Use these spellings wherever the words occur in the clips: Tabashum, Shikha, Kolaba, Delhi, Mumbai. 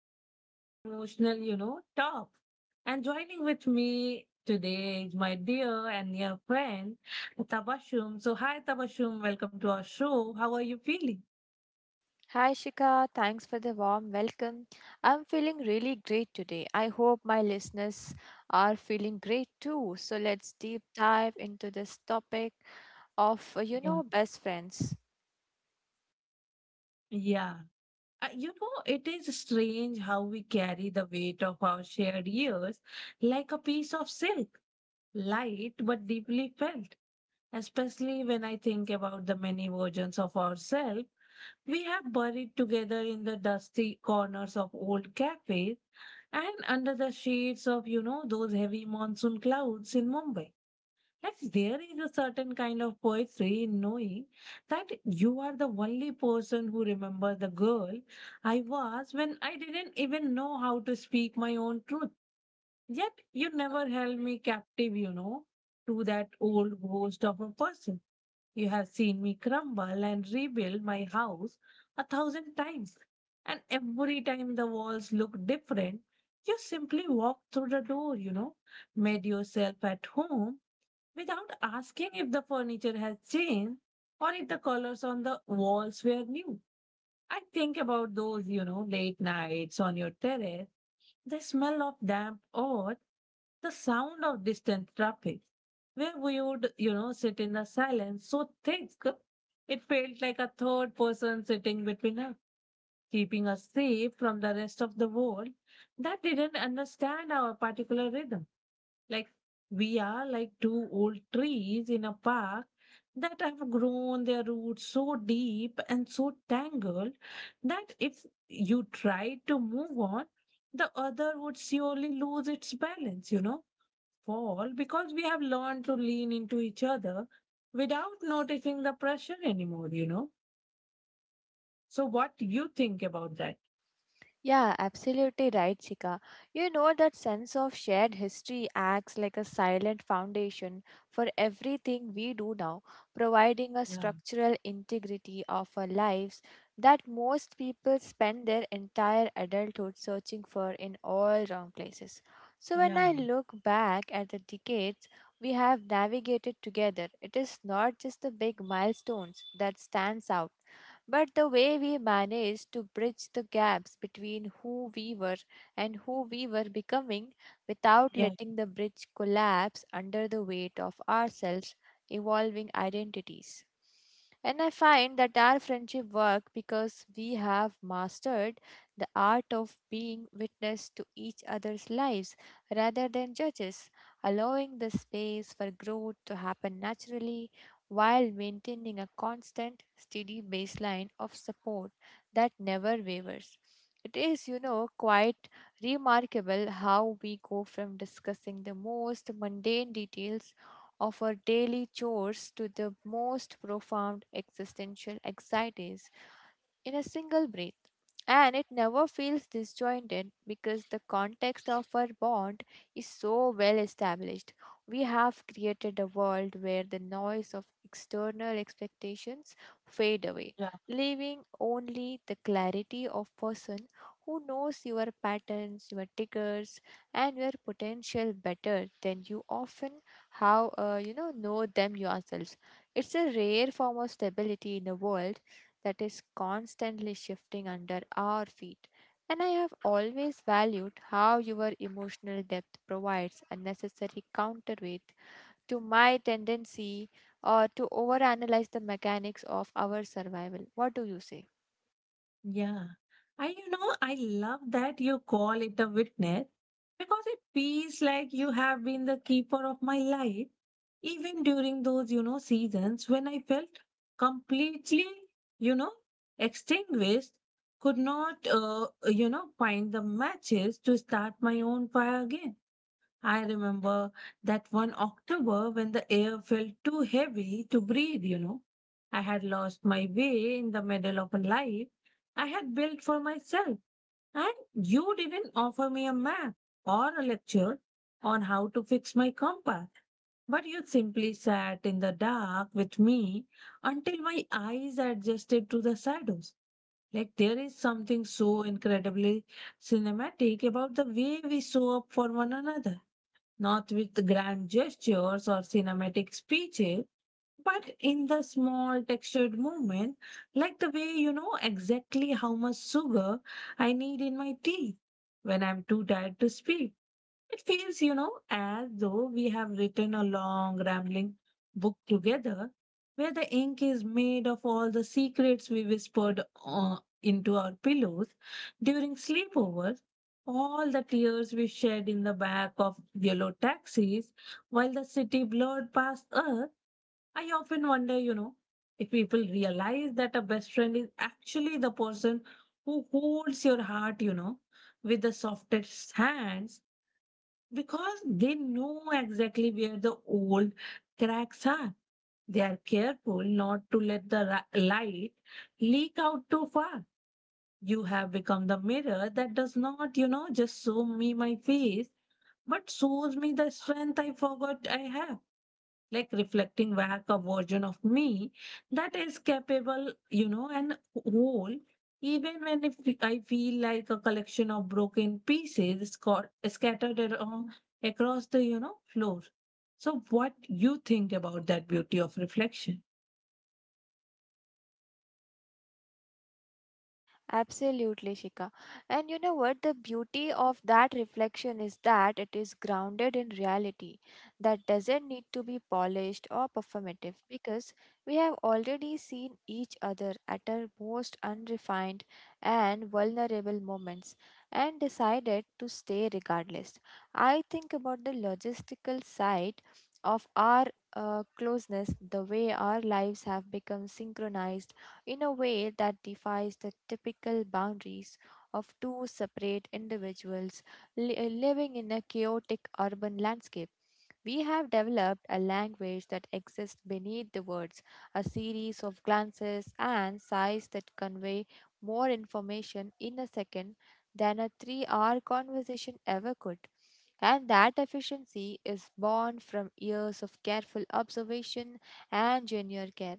deep and emotional, talk. And joining with me today is my dear and near friend, Tabashum. So, hi, Tabashum, welcome to our show. How are you feeling? Hi Shika, thanks for the warm welcome. I'm feeling really great today. I hope my listeners are feeling great too. So let's deep dive into this topic of Yeah. Best friends. Yeah. It is strange how we carry the weight of our shared years like a piece of silk, light but deeply felt. Especially when I think about the many versions of ourselves we have buried together in the dusty corners of old cafes and under the shades of, those heavy monsoon clouds in Mumbai. Like there is a certain kind of poetry in knowing that you are the only person who remembers the girl I was when I didn't even know how to speak my own truth. Yet you never held me captive, to that old ghost of a person. You have seen me crumble and rebuild my house a thousand times, and every time the walls look different, you simply walked through the door, made yourself at home without asking if the furniture has changed or if the colors on the walls were new. I think about those, late nights on your terrace, the smell of damp earth, the sound of distant traffic, where we would, sit in a silence so thick it felt like a third person sitting between us, keeping us safe from the rest of the world that didn't understand our particular rhythm. Like we are like two old trees in a park that have grown their roots so deep and so tangled that if you tried to move on, the other would surely lose its balance, fall because we have learned to lean into each other without noticing the pressure anymore. So, what do you think about that? Yeah, absolutely right, Chika. You know that sense of shared history acts like a silent foundation for everything we do now, providing a Yeah, structural integrity of our lives that most people spend their entire adulthood searching for in all wrong places. So when yeah, I look back at the decades we have navigated together, it is not just the big milestones that stands out, but the way we managed to bridge the gaps between who we were and who we were becoming without yeah, letting the bridge collapse under the weight of ourselves evolving identities. And I find that our friendship work because we have mastered the art of being witness to each other's lives rather than judges, allowing the space for growth to happen naturally while maintaining a constant, steady baseline of support that never wavers. It is, quite remarkable how we go from discussing the most mundane details of our daily chores to the most profound existential anxieties in a single breath. And it never feels disjointed because the context of our bond is so well established. We have created a world where the noise of external expectations fade away, yeah. leaving only the clarity of person who knows your patterns, your triggers, and your potential better than you often how you know them yourself. It's a rare form of stability in a world that is constantly shifting under our feet. And I have always valued how your emotional depth provides a necessary counterweight to my tendency or to overanalyze the mechanics of our survival. What do you say? Yeah. And I love that you call it a witness because it feels like you have been the keeper of my life, even during those, seasons when I felt completely, you know, extinguished, could not, find the matches to start my own fire again. I remember that one October when the air felt too heavy to breathe. I had lost my way in the middle of a life I had built for myself. And you didn't offer me a map or a lecture on how to fix my compass, but you simply sat in the dark with me until my eyes adjusted to the shadows. Like there is something so incredibly cinematic about the way we show up for one another not with grand gestures or cinematic speeches, but in the small textured movement, like the way you know exactly how much sugar I need in my tea when I'm too tired to speak. It feels, as though we have written a long, rambling book together where the ink is made of all the secrets we whispered into our pillows during sleepovers, all the tears we shed in the back of yellow taxis while the city blurred past us. I often wonder, if people realize that a best friend is actually the person who holds your heart, with the softest hands because they know exactly where the old cracks are. They are careful not to let the light leak out too far. You have become the mirror that does not, just show me my face, but shows me the strength I forgot I have like reflecting back a version of me that is capable, and whole, even when if I feel like a collection of broken pieces scattered around across the, floor. So, what you think about that beauty of reflection? Absolutely, Shika. And you know what? The beauty of that reflection is that it is grounded in reality that doesn't need to be polished or performative, because we have already seen each other at our most unrefined and vulnerable moments and decided to stay regardless. I think about the logistical side of our closeness, the way our lives have become synchronized in a way that defies the typical boundaries of two separate individuals living in a chaotic urban landscape. We have developed a language that exists beneath the words, a series of glances and sighs that convey more information in a second than a 3-hour conversation ever could. And that efficiency is born from years of careful observation and genuine care.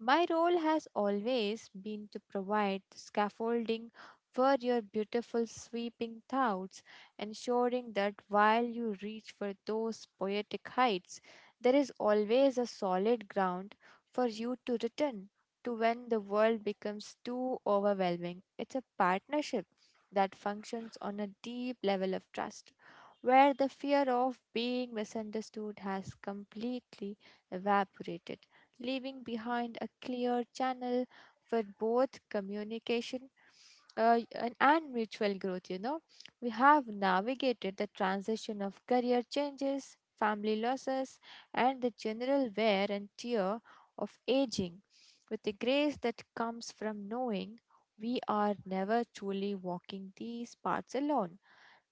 My role has always been to provide the scaffolding for your beautiful sweeping thoughts, ensuring that while you reach for those poetic heights, there is always a solid ground for you to return to when the world becomes too overwhelming. It's a partnership that functions on a deep level of trust, where the fear of being misunderstood has completely evaporated, leaving behind a clear channel for both communication and mutual growth. We have navigated the transition of career changes, family losses, and the general wear and tear of aging with the grace that comes from knowing we are never truly walking these parts alone.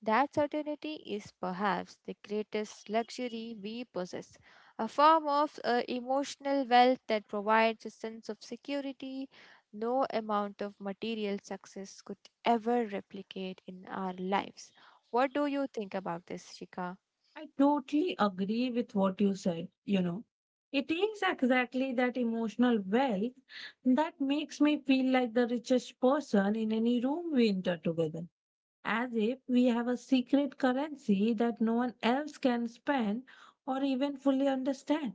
That certainty is perhaps the greatest luxury we possess, a form of emotional wealth that provides a sense of security no amount of material success could ever replicate in our lives. What do you think about this, Shika? I totally agree with what you said. It is exactly that emotional wealth that makes me feel like the richest person in any room we enter together as if we have a secret currency that no one else can spend or even fully understand.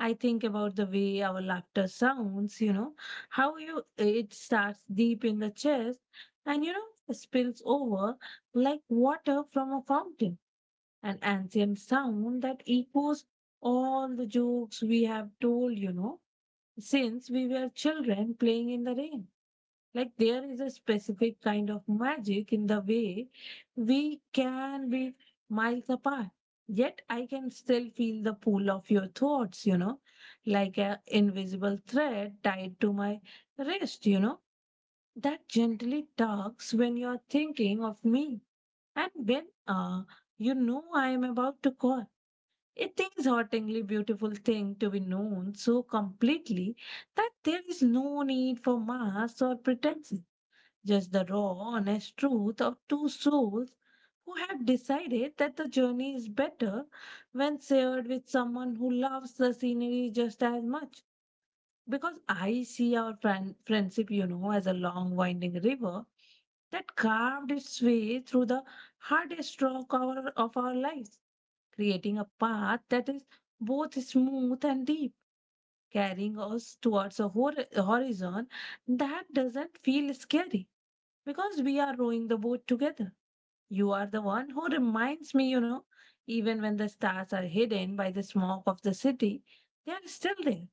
I think about the way our laughter sounds, how you it starts deep in the chest and spills over like water from a fountain, an ancient sound that echoes all the jokes we have told, since we were children playing in the rain. Like there is a specific kind of magic in the way we can be miles apart. Yet I can still feel the pull of your thoughts, like a invisible thread tied to my wrist that gently tugs when you're thinking of me and when I am about to call. It is hauntingly beautiful thing to be known so completely that there is no need for masks or pretense just the raw, honest truth of two souls who have decided that the journey is better when shared with someone who loves the scenery just as much. Because I see our friendship, as a long winding river that carved its way through the hardest rock of our lives, creating a path that is both smooth and deep, carrying us towards a horizon that doesn't feel scary because we are rowing the boat together. You are the one who reminds me, even when the stars are hidden by the smoke of the city, they are still there.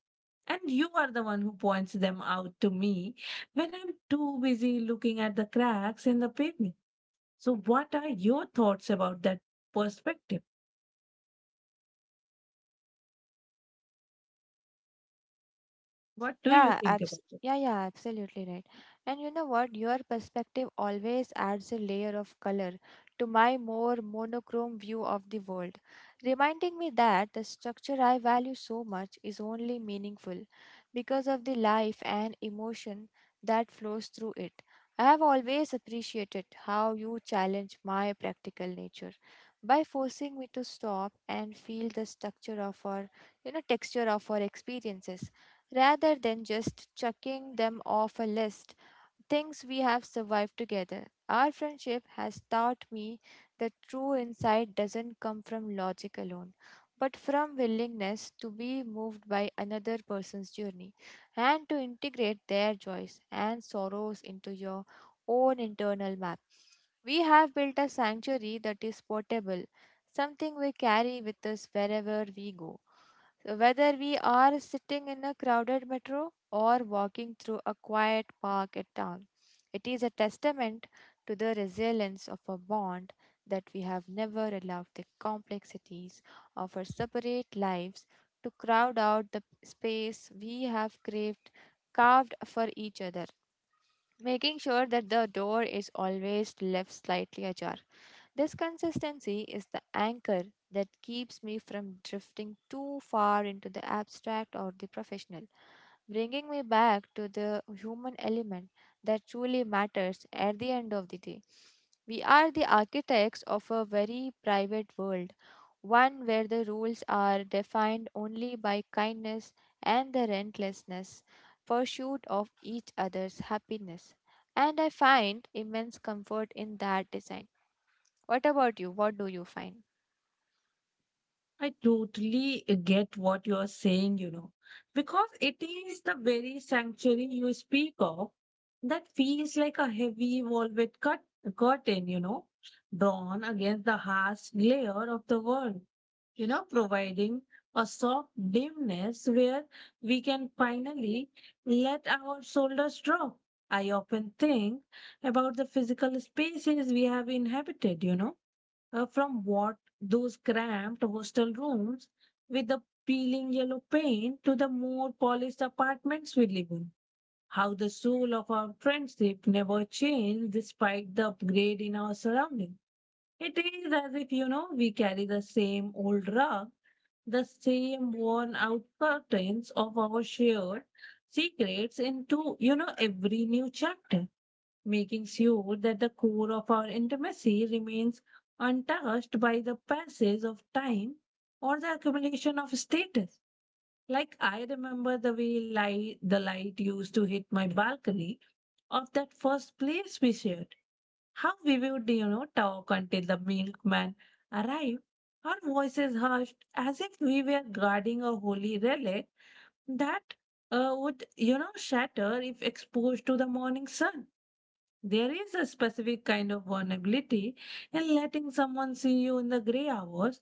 And you are the one who points them out to me when I'm too busy looking at the cracks in the pavement. So, what are your thoughts about that perspective? What do you Yeah, think about it? yeah, yeah, absolutely right. And you know what? Your perspective always adds a layer of color to my more monochrome view of the world, reminding me that the structure I value so much is only meaningful because of the life and emotion that flows through it. I have always appreciated how you challenge my practical nature by forcing me to stop and feel the structure of our, texture of our experiences rather than just chucking them off a list. Things we have survived together. Our friendship has taught me that true insight doesn't come from logic alone, but from willingness to be moved by another person's journey and to integrate their joys and sorrows into your own internal map. We have built a sanctuary that is portable, something we carry with us wherever we go, so whether we are sitting in a crowded metro or walking through a quiet park at town, it is a testament to the resilience of a bond that we have never allowed the complexities of our separate lives to crowd out the space we have craved carved for each other, making sure that the door is always left slightly ajar. This consistency is the anchor that keeps me from drifting too far into the abstract or the professional, bringing me back to the human element that truly matters at the end of the day. We are the architects of a very private world, one where the rules are defined only by kindness and the relentlessness pursuit of each other's happiness. And I find immense comfort in that design. What about you? What do you find? I totally get what you're saying, because it is the very sanctuary you speak of that feels like a heavy velvet curtain, drawn against the harsh glare of the world, providing a soft dimness where we can finally let our shoulders drop. I often think about the physical spaces we have inhabited, from what those cramped hostel rooms with the peeling yellow paint to the more polished apartments we live in. How the soul of our friendship never changed despite the upgrade in our surrounding. It is as if, we carry the same old rug, the same worn out curtains of our shared secrets into, every new chapter making sure that the core of our intimacy remains untouched by the passage of time or the accumulation of status. Like I remember the way the light used to hit my balcony of that first place we shared. How we would, talk until the milkman arrived, our voices hushed as if we were guarding a holy relic that would shatter if exposed to the morning sun. There is a specific kind of vulnerability in letting someone see you in the gray hours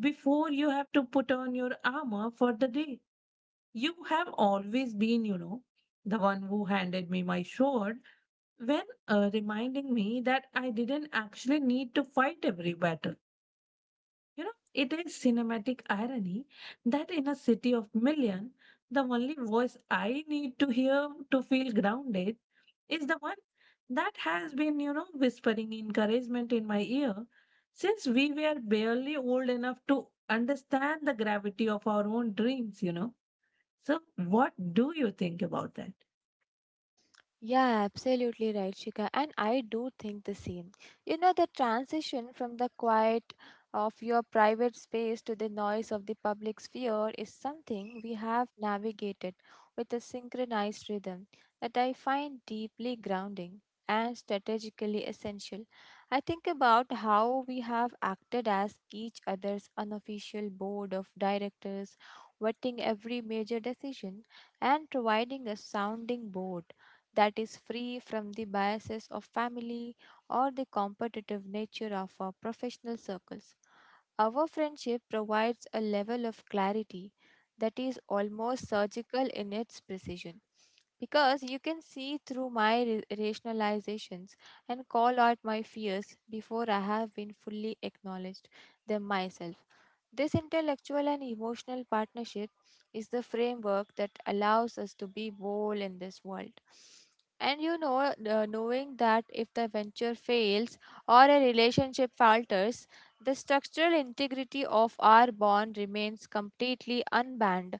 before you have to put on your armor for the day. You have always been, the one who handed me my sword when reminding me that I didn't actually need to fight every battle. It is cinematic irony that in a city of million, the only voice I need to hear to feel grounded is the one that has been, whispering encouragement in my ear since we were barely old enough to understand the gravity of our own dreams. So, what do you think about that? Yeah, absolutely right, Shika. And I do think the same. You know, the transition from the quiet of your private space to the noise of the public sphere is something we have navigated with a synchronized rhythm that I find deeply grounding and strategically essential. I think about how we have acted as each other's unofficial board of directors, vetting every major decision and providing a sounding board that is free from the biases of family or the competitive nature of our professional circles. Our friendship provides a level of clarity that is almost surgical in its precision, because you can see through my rationalizations and call out my fears before I have been fully acknowledged them myself. This intellectual and emotional partnership is the framework that allows us to be whole in this world. And knowing that if the venture fails or a relationship falters, the structural integrity of our bond remains completely unbound.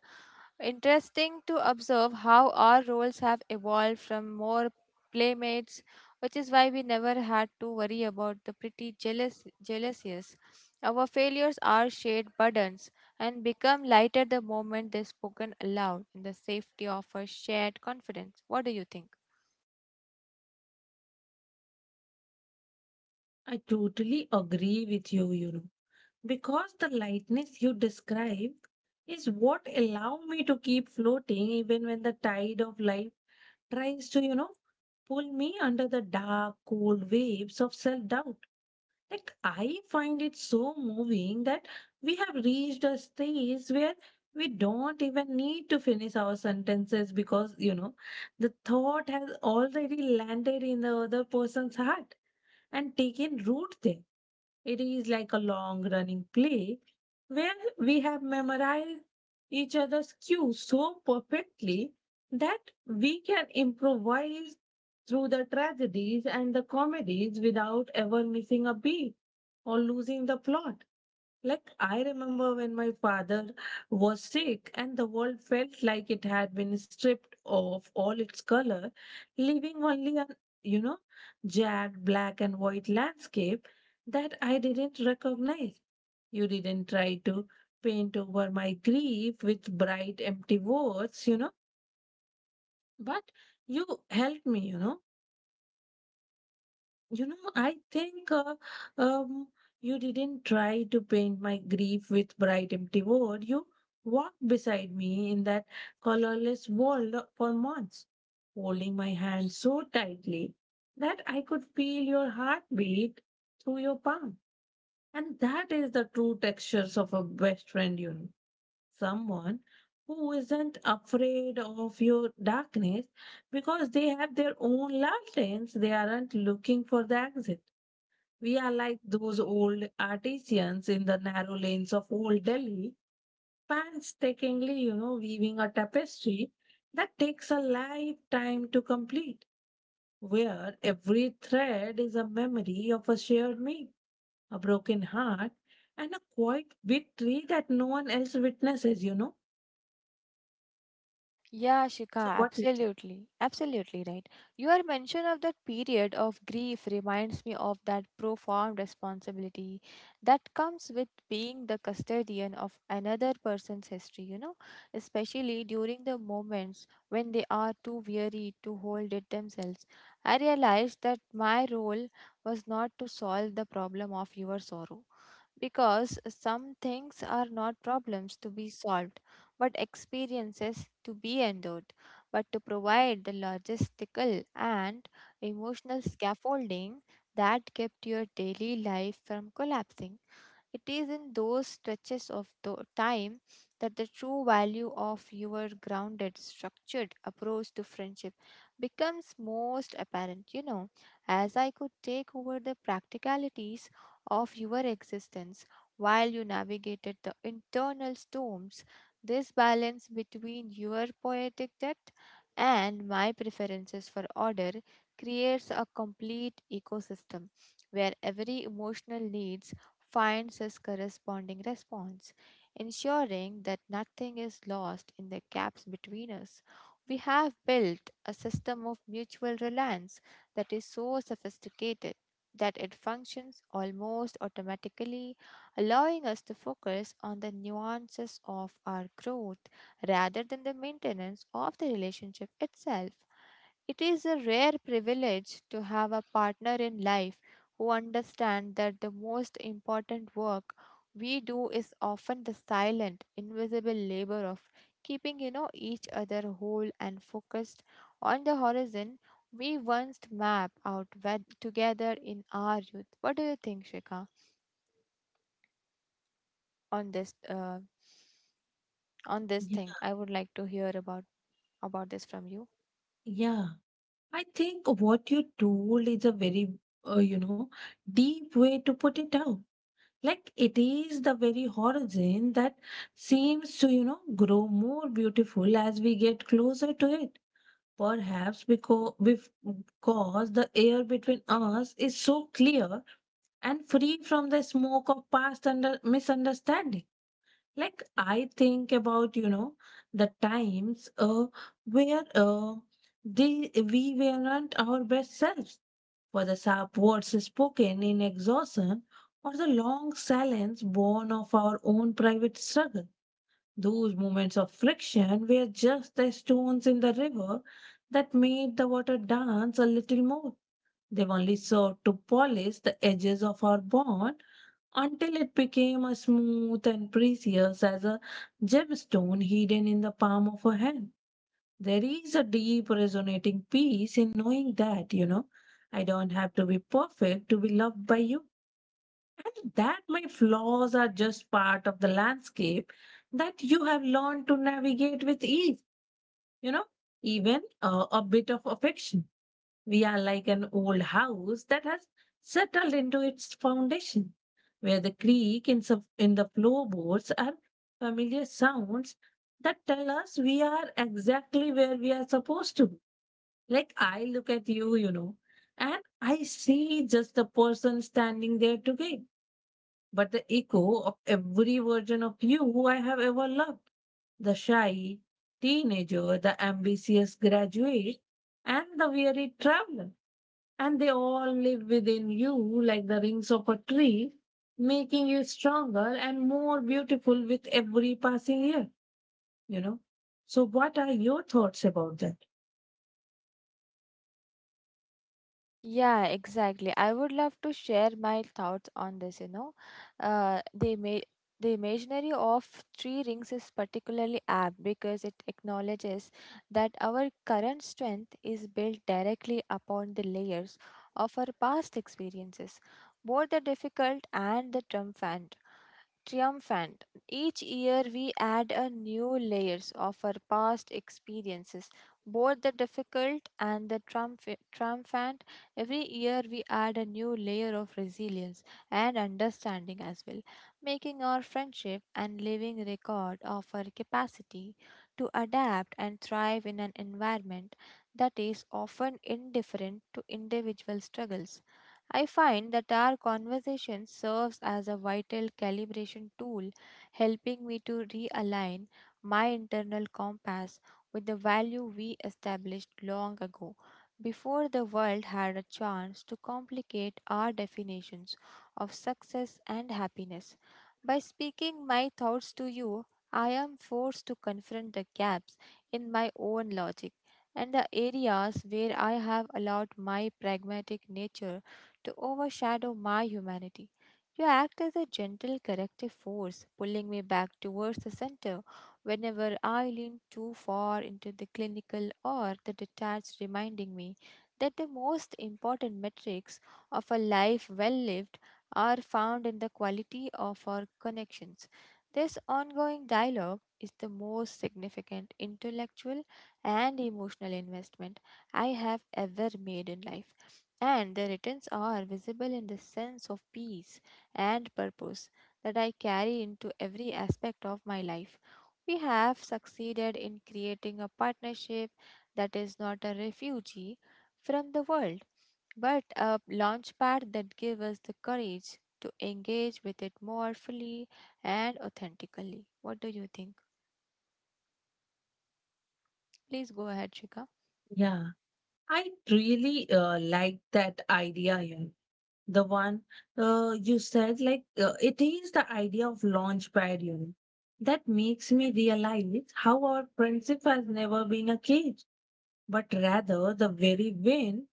Interesting to observe how our roles have evolved from more playmates, which is why we never had to worry about the pretty jealousies, our failures are shared burdens and become lighter the moment they're spoken aloud in the safety of a shared confidence. What do you think? I totally agree with you, you know. Because the lightness you describe is what allow me to keep floating even when the tide of life tries to pull me under the dark cold waves of self-doubt. Like, I find it so moving that we have reached a stage where we don't even need to finish our sentences because the thought has already landed in the other person's heart and taken root there. It is like a long running play where we have memorized each other's cues so perfectly that we can improvise through the tragedies and the comedies without ever missing a beat or losing the plot. Like, I remember when my father was sick and the world felt like it had been stripped of all its color, leaving only an, you know, jagged black and white landscape that I didn't recognize. You didn't try to paint over my grief with bright, empty words, but you helped me, I think um, you didn't try to paint my grief with bright, empty words. You walked beside me in that colorless world for months, holding my hand so tightly that I could feel your heartbeat through your palm. And that is the true textures of a best friend, someone who isn't afraid of your darkness because they have their own lanterns. They aren't looking for the exit. We are like those old artisans in the narrow lanes of old Delhi, painstakingly, weaving a tapestry that takes a lifetime to complete, where every thread is a memory of a shared meal, a broken heart, and a quiet victory that no one else witnesses. Yeah, Shika, So, what do you think? absolutely. Absolutely right. Your mention of that period of grief reminds me of that profound responsibility that comes with being the custodian of another person's history, especially during the moments when they are too weary to hold it themselves. I realized that my role was not to solve the problem of your sorrow, because some things are not problems to be solved, but experiences to be endured. But to provide the logistical and emotional scaffolding that kept your daily life from collapsing. It is in those stretches of time that the true value of your grounded, structured approach to friendship becomes most apparent. As I could take over the practicalities of your existence while you navigated the internal storms, this balance between your poetic depth and my preferences for order creates a complete ecosystem where every emotional need finds its corresponding response, ensuring that nothing is lost in the gaps between us. We have built a system of mutual reliance that is so sophisticated that it functions almost automatically, allowing us to focus on the nuances of our growth rather than the maintenance of the relationship itself. It is a rare privilege to have a partner in life who understands that the most important work we do is often the silent, invisible labor of keeping each other whole and focused on the horizon we once mapped out together in our youth. What do you think, Shika, on this Yeah, thing? I would like to hear about this from you. yeah. I think what you told is a very, uh, you know, deep way to put it out, like it is the very horizon that seems to, grow more beautiful as we get closer to it, perhaps because the air between us is so clear and free from the smoke of past under misunderstanding. Like, I think about, the times where we weren't our best selves, for the sharp words spoken in exhaustion or the long silence born of our own private struggle. Those moments of friction were just the stones in the river that made the water dance a little more. They've only served to polish the edges of our bond until it became as smooth and precious as a gemstone hidden in the palm of a hand. There is a deep resonating peace in knowing that, I don't have to be perfect to be loved by you. And that my flaws are just part of the landscape that you have learned to navigate with ease, you know, even a bit of affection. We are like an old house that has settled into its foundation, where the creak in the floorboards are familiar sounds that tell us we are exactly where we are supposed to be. Like, I look at you, and I see just the person standing there today, but the echo of every version of you I have ever loved. The shy teenager, the ambitious graduate, and the weary traveler. And they all live within you like the rings of a tree, making you stronger and more beautiful with every passing year, you know. So, what are your thoughts about that? Yeah, exactly. I would love to share my thoughts on this. Uh, the ima- the imaginary of three rings is particularly apt because it acknowledges that our current strength is built directly upon the layers of our past experiences, both the difficult and the triumphant. Each year we add a new layers of our past experiences, both the difficult and the triumphant. Every year, we add a new layer of resilience and understanding as well, making our friendship and living record of our capacity to adapt and thrive in an environment that is often indifferent to individual struggles. I find that our conversation serves as a vital calibration tool, helping me to realign my internal compass with the value we established long ago, before the world had a chance to complicate our definitions of success and happiness. By speaking my thoughts to you, I am forced to confront the gaps in my own logic and the areas where I have allowed my pragmatic nature to overshadow my humanity. You act as a gentle corrective force, pulling me back towards the center whenever I lean too far into the clinical or the detached, reminding me that the most important metrics of a life well lived are found in the quality of our connections. This ongoing dialogue is the most significant intellectual and emotional investment I have ever made in life, and the returns are visible in the sense of peace and purpose that I carry into every aspect of my life. We have succeeded in creating a partnership that is not a refugee from the world, but a launchpad that gives us the courage to engage with it more fully and authentically. What do you think? Please go ahead, Shika. Yeah, I really like that idea here. The one you said, like, it is the idea of launchpad, that makes me realize how our friendship has never been a cage, but rather the very vein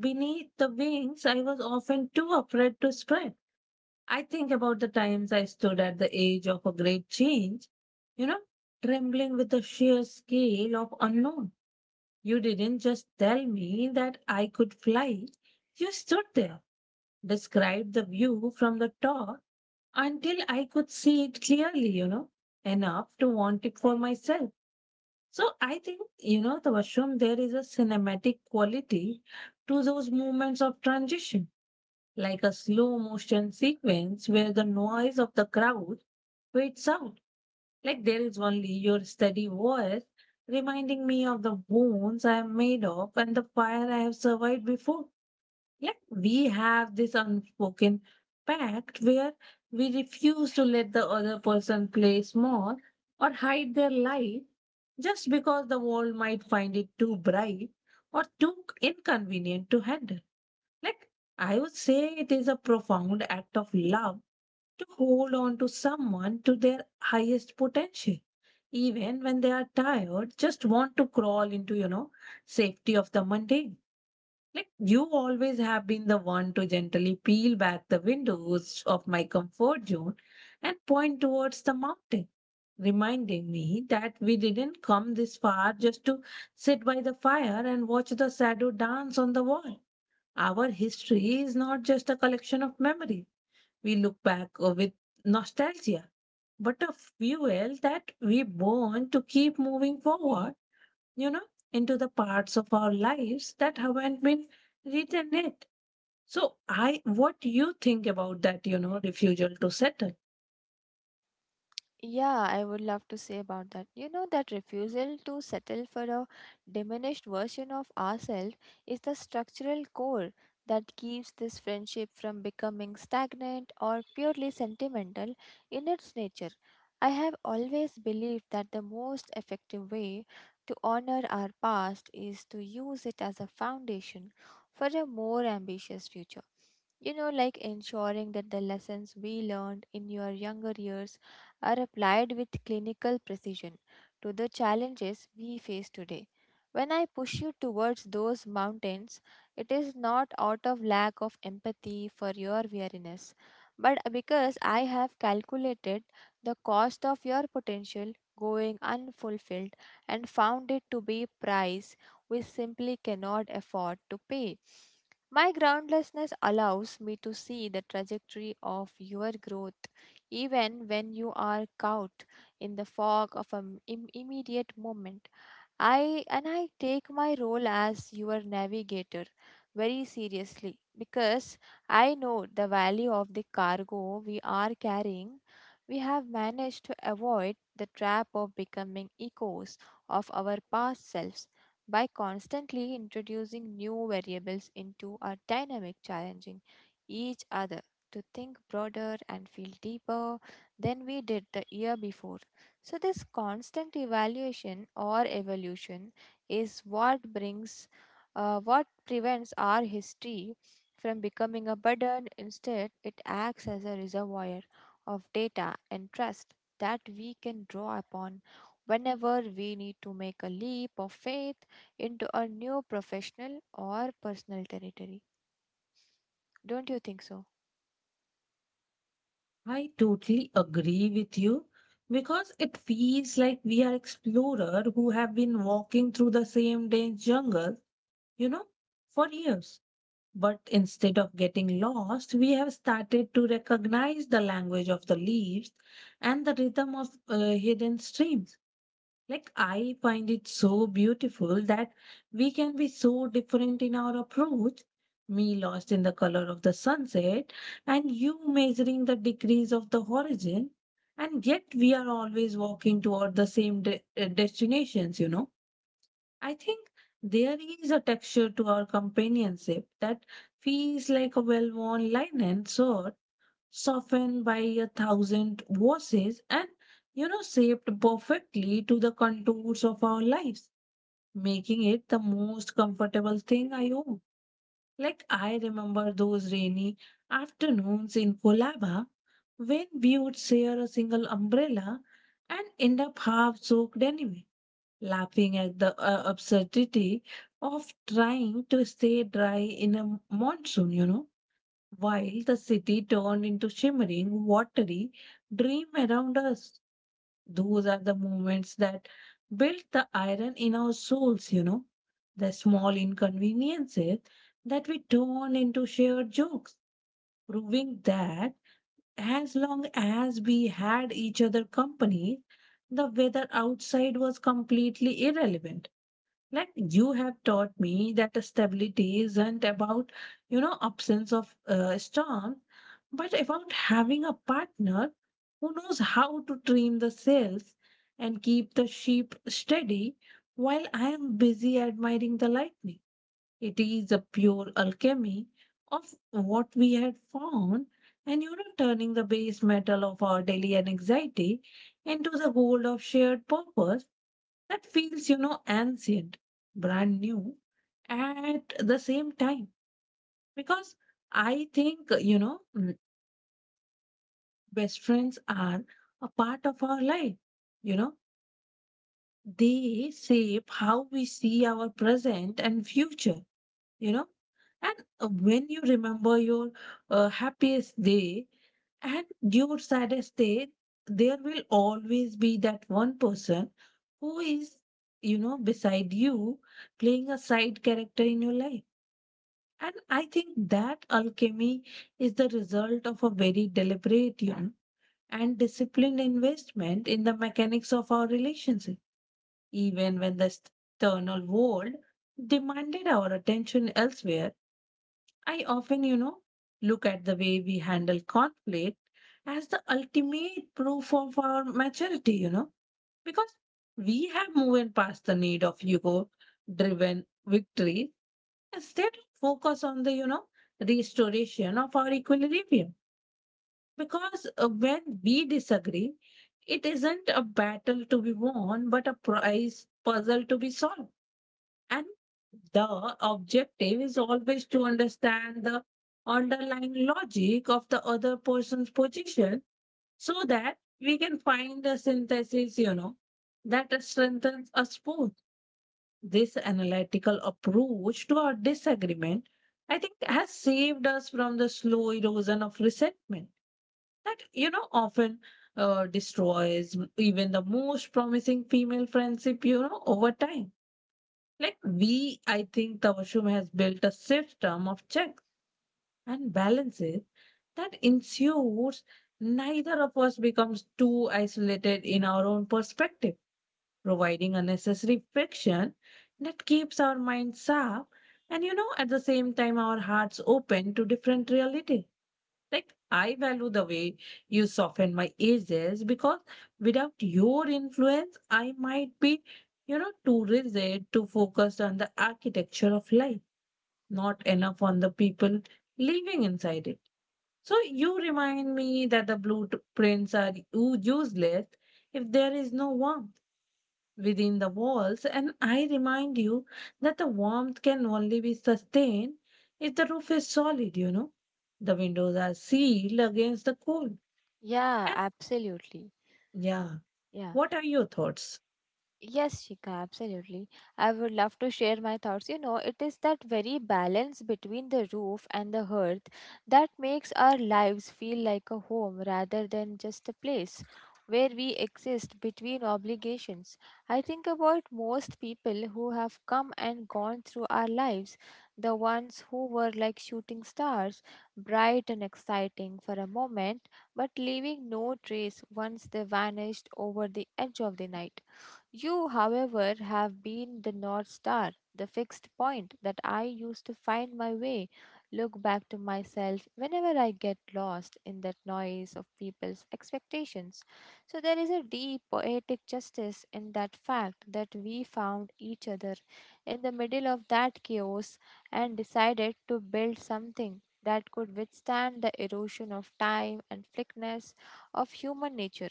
beneath the wings I was often too afraid to spread. I think about the times I stood at the edge of a great change, you know, trembling with the sheer scale of unknown. You didn't just tell me that I could fly, you stood there, described the view from the top until I could see it clearly, enough to want it for myself. So I think, the Vashram, there is a cinematic quality to those moments of transition, like a slow motion sequence where the noise of the crowd fades out. Like, there is only your steady voice reminding me of the wounds I am made of and the fire I have survived before. Yet we have this unspoken pact where we refuse to let the other person play small or hide their light just because the world might find it too bright or too inconvenient to handle. Like, I would say it is a profound act of love to hold on to someone to their highest potential. Even when they are tired, just want to crawl into, safety of the mundane. Like, you always have been the one to gently peel back the windows of my comfort zone and point towards the mountain, reminding me that we didn't come this far just to sit by the fire and watch the shadow dance on the wall. Our history is not just a collection of memories. We look back with nostalgia, but a fuel that we burn to keep moving forward, you know, into the parts of our lives that haven't been written yet. So, I what you think about that, refusal to settle? Yeah, I would love to say about that. You know, that refusal to settle for a diminished version of ourselves is the structural core that keeps this friendship from becoming stagnant or purely sentimental in its nature. I have always believed that the most effective way to honor our past is to use it as a foundation for a more ambitious future. You know, like ensuring that the lessons we learned in your younger years are applied with clinical precision to the challenges we face today. When I push you towards those mountains, it is not out of lack of empathy for your weariness, but because I have calculated the cost of your potential going unfulfilled and found it to be price we simply cannot afford to pay. My groundlessness allows me to see the trajectory of your growth even when you are caught in the fog of an immediate moment. I and I take my role as your navigator very seriously because I know the value of the cargo we are carrying. We have managed to avoid the trap of becoming echoes of our past selves by constantly introducing new variables into our dynamic, challenging each other to think broader and feel deeper than we did the year before. So, this constant evaluation or evolution is what what prevents our history from becoming a burden. Instead, it acts as a reservoir of data and trust that we can draw upon whenever we need to make a leap of faith into a new professional or personal territory. Don't you think so? I totally agree with you because it feels like we are explorers who have been walking through the same dense jungle, you know, for years. But instead of getting lost, we have started to recognize the language of the leaves and the rhythm of hidden streams. Like, I find it so beautiful that we can be so different in our approach. Me lost in the color of the sunset, and you measuring the degrees of the horizon, and yet we are always walking toward the same destinations. I think there is a texture to our companionship that feels like a well worn line and sword softened by a thousand voices and, shaped perfectly to the contours of our lives, making it the most comfortable thing I own. Like, I remember those rainy afternoons in Kolaba when we would share a single umbrella and end up half soaked anyway, laughing at the absurdity of trying to stay dry in a monsoon, while the city turned into shimmering, watery dream around us. Those are the moments that built the iron in our souls, the small inconveniences that we turn into shared jokes, proving that as long as we had each other company, the weather outside was completely irrelevant. Like, you have taught me that the stability isn't about, absence of storm, but about having a partner who knows how to trim the sails and keep the ship steady while I am busy admiring the lightning. It is a pure alchemy of what we had found and, turning the base metal of our daily anxiety into the gold of shared purpose that feels, ancient, brand new at the same time. Because I think, best friends are a part of our life. You know, they shape how we see our present and future. you know and when you remember your happiest day and your saddest day, there will always be that one person who is, beside you, playing a side character in your life. And I think that alchemy is the result of a very deliberate, and disciplined investment in the mechanics of our relationship, even when the external world demanded our attention elsewhere. I often, look at the way we handle conflict as the ultimate proof of our maturity, because we have moved past the need of ego driven victory. Instead, focus on the, restoration of our equilibrium. Because when we disagree, it isn't a battle to be won, but a prize puzzle to be solved. And the objective is always to understand the underlying logic of the other person's position so that we can find a synthesis, that strengthens us both. This analytical approach to our disagreement, I think, has saved us from the slow erosion of resentment that, often destroys even the most promising female friendship, over time. Like I think Tawashum has built a system of checks and balances that ensures neither of us becomes too isolated in our own perspective, providing unnecessary friction that keeps our minds sharp and, at the same time, our hearts open to different realities. Like, I value the way you soften my edges because without your influence, I might be, too rigid, too focused on the architecture of life, not enough on the people living inside it. So you remind me that the blueprints are useless if there is no warmth within the walls. And I remind you that the warmth can only be sustained if the roof is solid, The windows are sealed against the cold. Yeah, And absolutely. yeah, Yeah. what are your thoughts? Yes, Shika, absolutely. I would love to share my thoughts. You know, it is that very balance between the roof and the hearth that makes our lives feel like a home rather than just a place where we exist between obligations. I think about most people who have come and gone through our lives, the ones who were like shooting stars, bright and exciting for a moment, but leaving no trace once they vanished over the edge of the night. You, however, have been the North Star, the fixed point that I used to find my way, look back to myself whenever I get lost in that noise of people's expectations. So there is a deep poetic justice in that fact that we found each other in the middle of that chaos and decided to build something that could withstand the erosion of time and fickleness of human nature.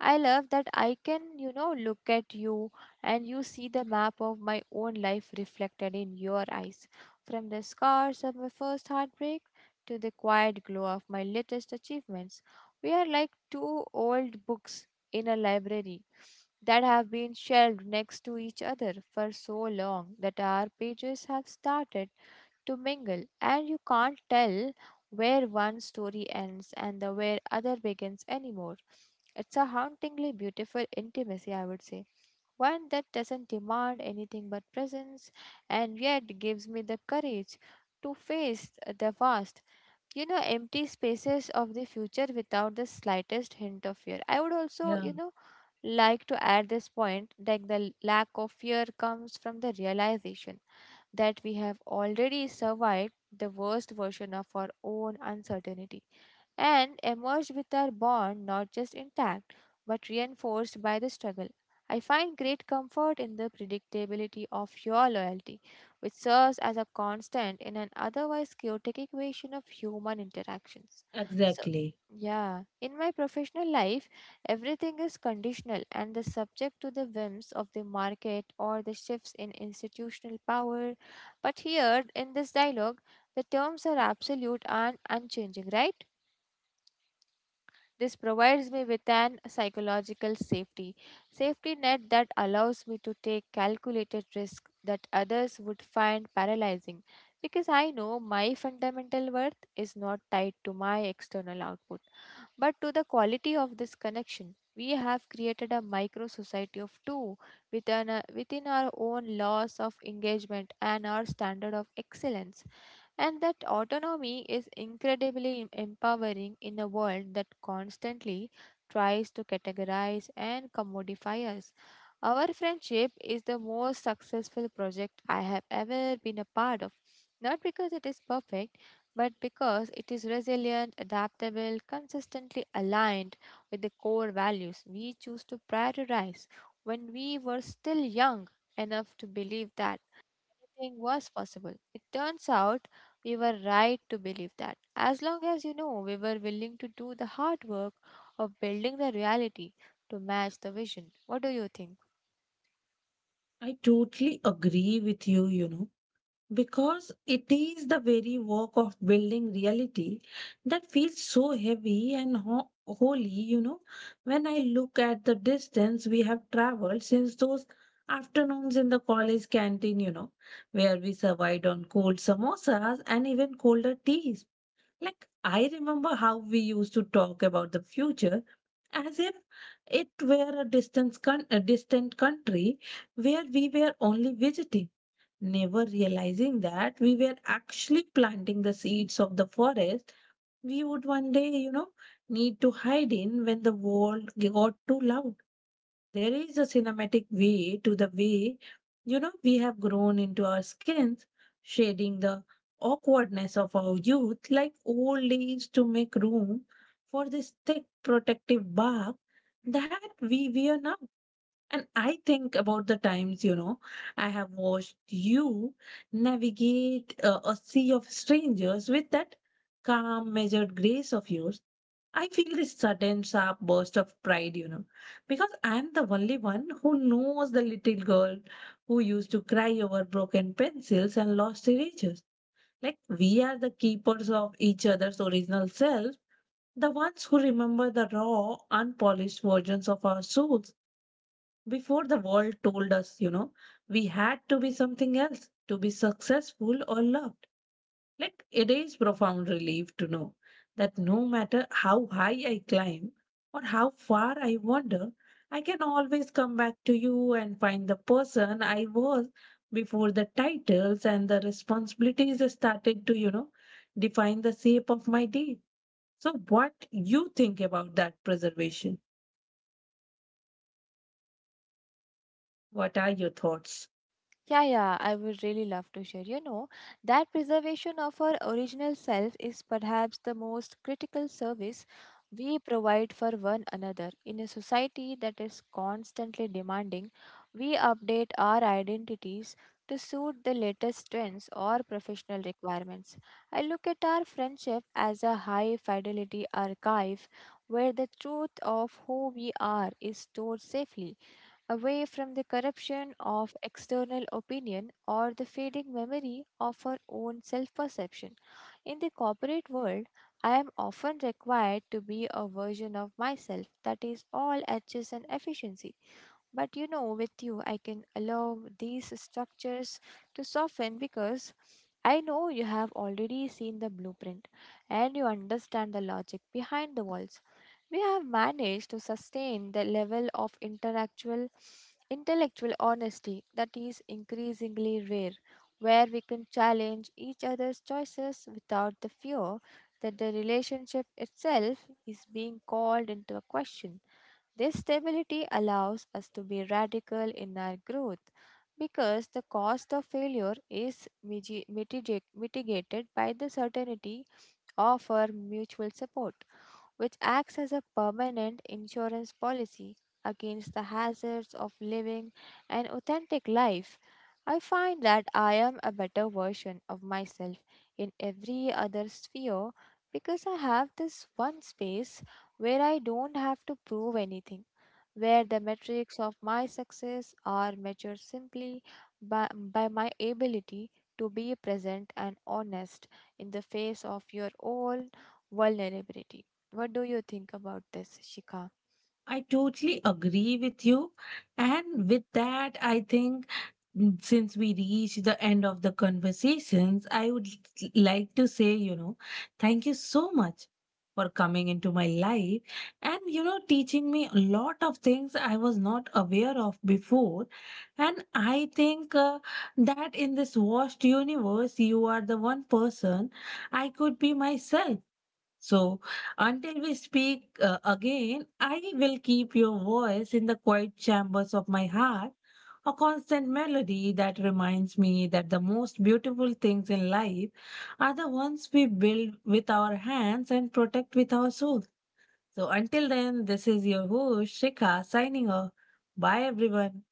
I love that I can, you know, look at you and you see the map of my own life reflected in your eyes. From the scars of my first heartbreak to the quiet glow of my latest achievements, we are like two old books in a library that have been shelved next to each other for so long that our pages have started to mingle, and you can't tell where one story ends and the where other begins anymore. It's a hauntingly beautiful intimacy, I would say. One that doesn't demand anything but presence and yet gives me the courage to face the vast, you know, empty spaces of the future without the slightest hint of fear. I would also, Yeah, you know, like to add this point, like the lack of fear comes from the realization that we have already survived the worst version of our own uncertainty and emerged with our bond not just intact but reinforced by the struggle. I find great comfort in the predictability of your loyalty, which serves as a constant in an otherwise chaotic equation of human interactions. So, exactly. yeah, in my professional life, everything is conditional and the subject to the whims of the market or the shifts in institutional power. But here in this dialogue, the terms are absolute and unchanging, right? This provides me with an psychological safety net that allows me to take calculated risks that others would find paralyzing because I know my fundamental worth is not tied to my external output but to the quality of this connection. We have created a micro society of two within, within our own laws of engagement and our standard of excellence. And that autonomy is incredibly empowering in a world that constantly tries to categorize and commodify us. Our friendship is the most successful project I have ever been a part of, not because it is perfect, but because it is resilient, adaptable, consistently aligned with the core values we choose to prioritize when we were still young enough to believe that everything was possible. It turns out we were right to believe that, as long as, you know, we were willing to do the hard work of building the reality to match the vision. What do you think? I totally agree with you, you know. Because it is the very work of building reality that feels so heavy and holy, you know. When I look at the distance we have traveled since those afternoons in the college canteen, where we survived on cold samosas and even colder teas. Like, I remember how we used to talk about the future as if it were a distant, a distant country where we were only visiting, never realizing that we were actually planting the seeds of the forest we would one day, need to hide in when the world got too loud. There is a cinematic way to the way, we have grown into our skins, shading the awkwardness of our youth like old leaves to make room for this thick protective bark that we wear now. And I think about the times, I have watched you navigate a sea of strangers with that calm, measured grace of yours. I feel this sudden, sharp burst of pride, because I'm the only one who knows the little girl who used to cry over broken pencils and lost erasers. Like, we are the keepers of each other's original selves, the ones who remember the raw, unpolished versions of our souls. Before the world told us, we had to be something else to be successful or loved. Like, it is profound relief to know that no matter how high I climb or how far I wander, I can always come back to you and find the person I was before the titles and the responsibilities started to, define the shape of my day. So, what you think about that preservation? What are your thoughts? I totally agree with you. And with that, I think, since we reach the end of the conversations, I would like to say, thank you so much for coming into my life and, teaching me a lot of things I was not aware of before. And I think that in this vast universe, you are the one person I could be myself. So, until we speak again, I will keep your voice in the quiet chambers of my heart, a constant melody that reminds me that the most beautiful things in life are the ones we build with our hands and protect with our souls. So, until then, this is your host, Shikha, signing off. Bye, everyone.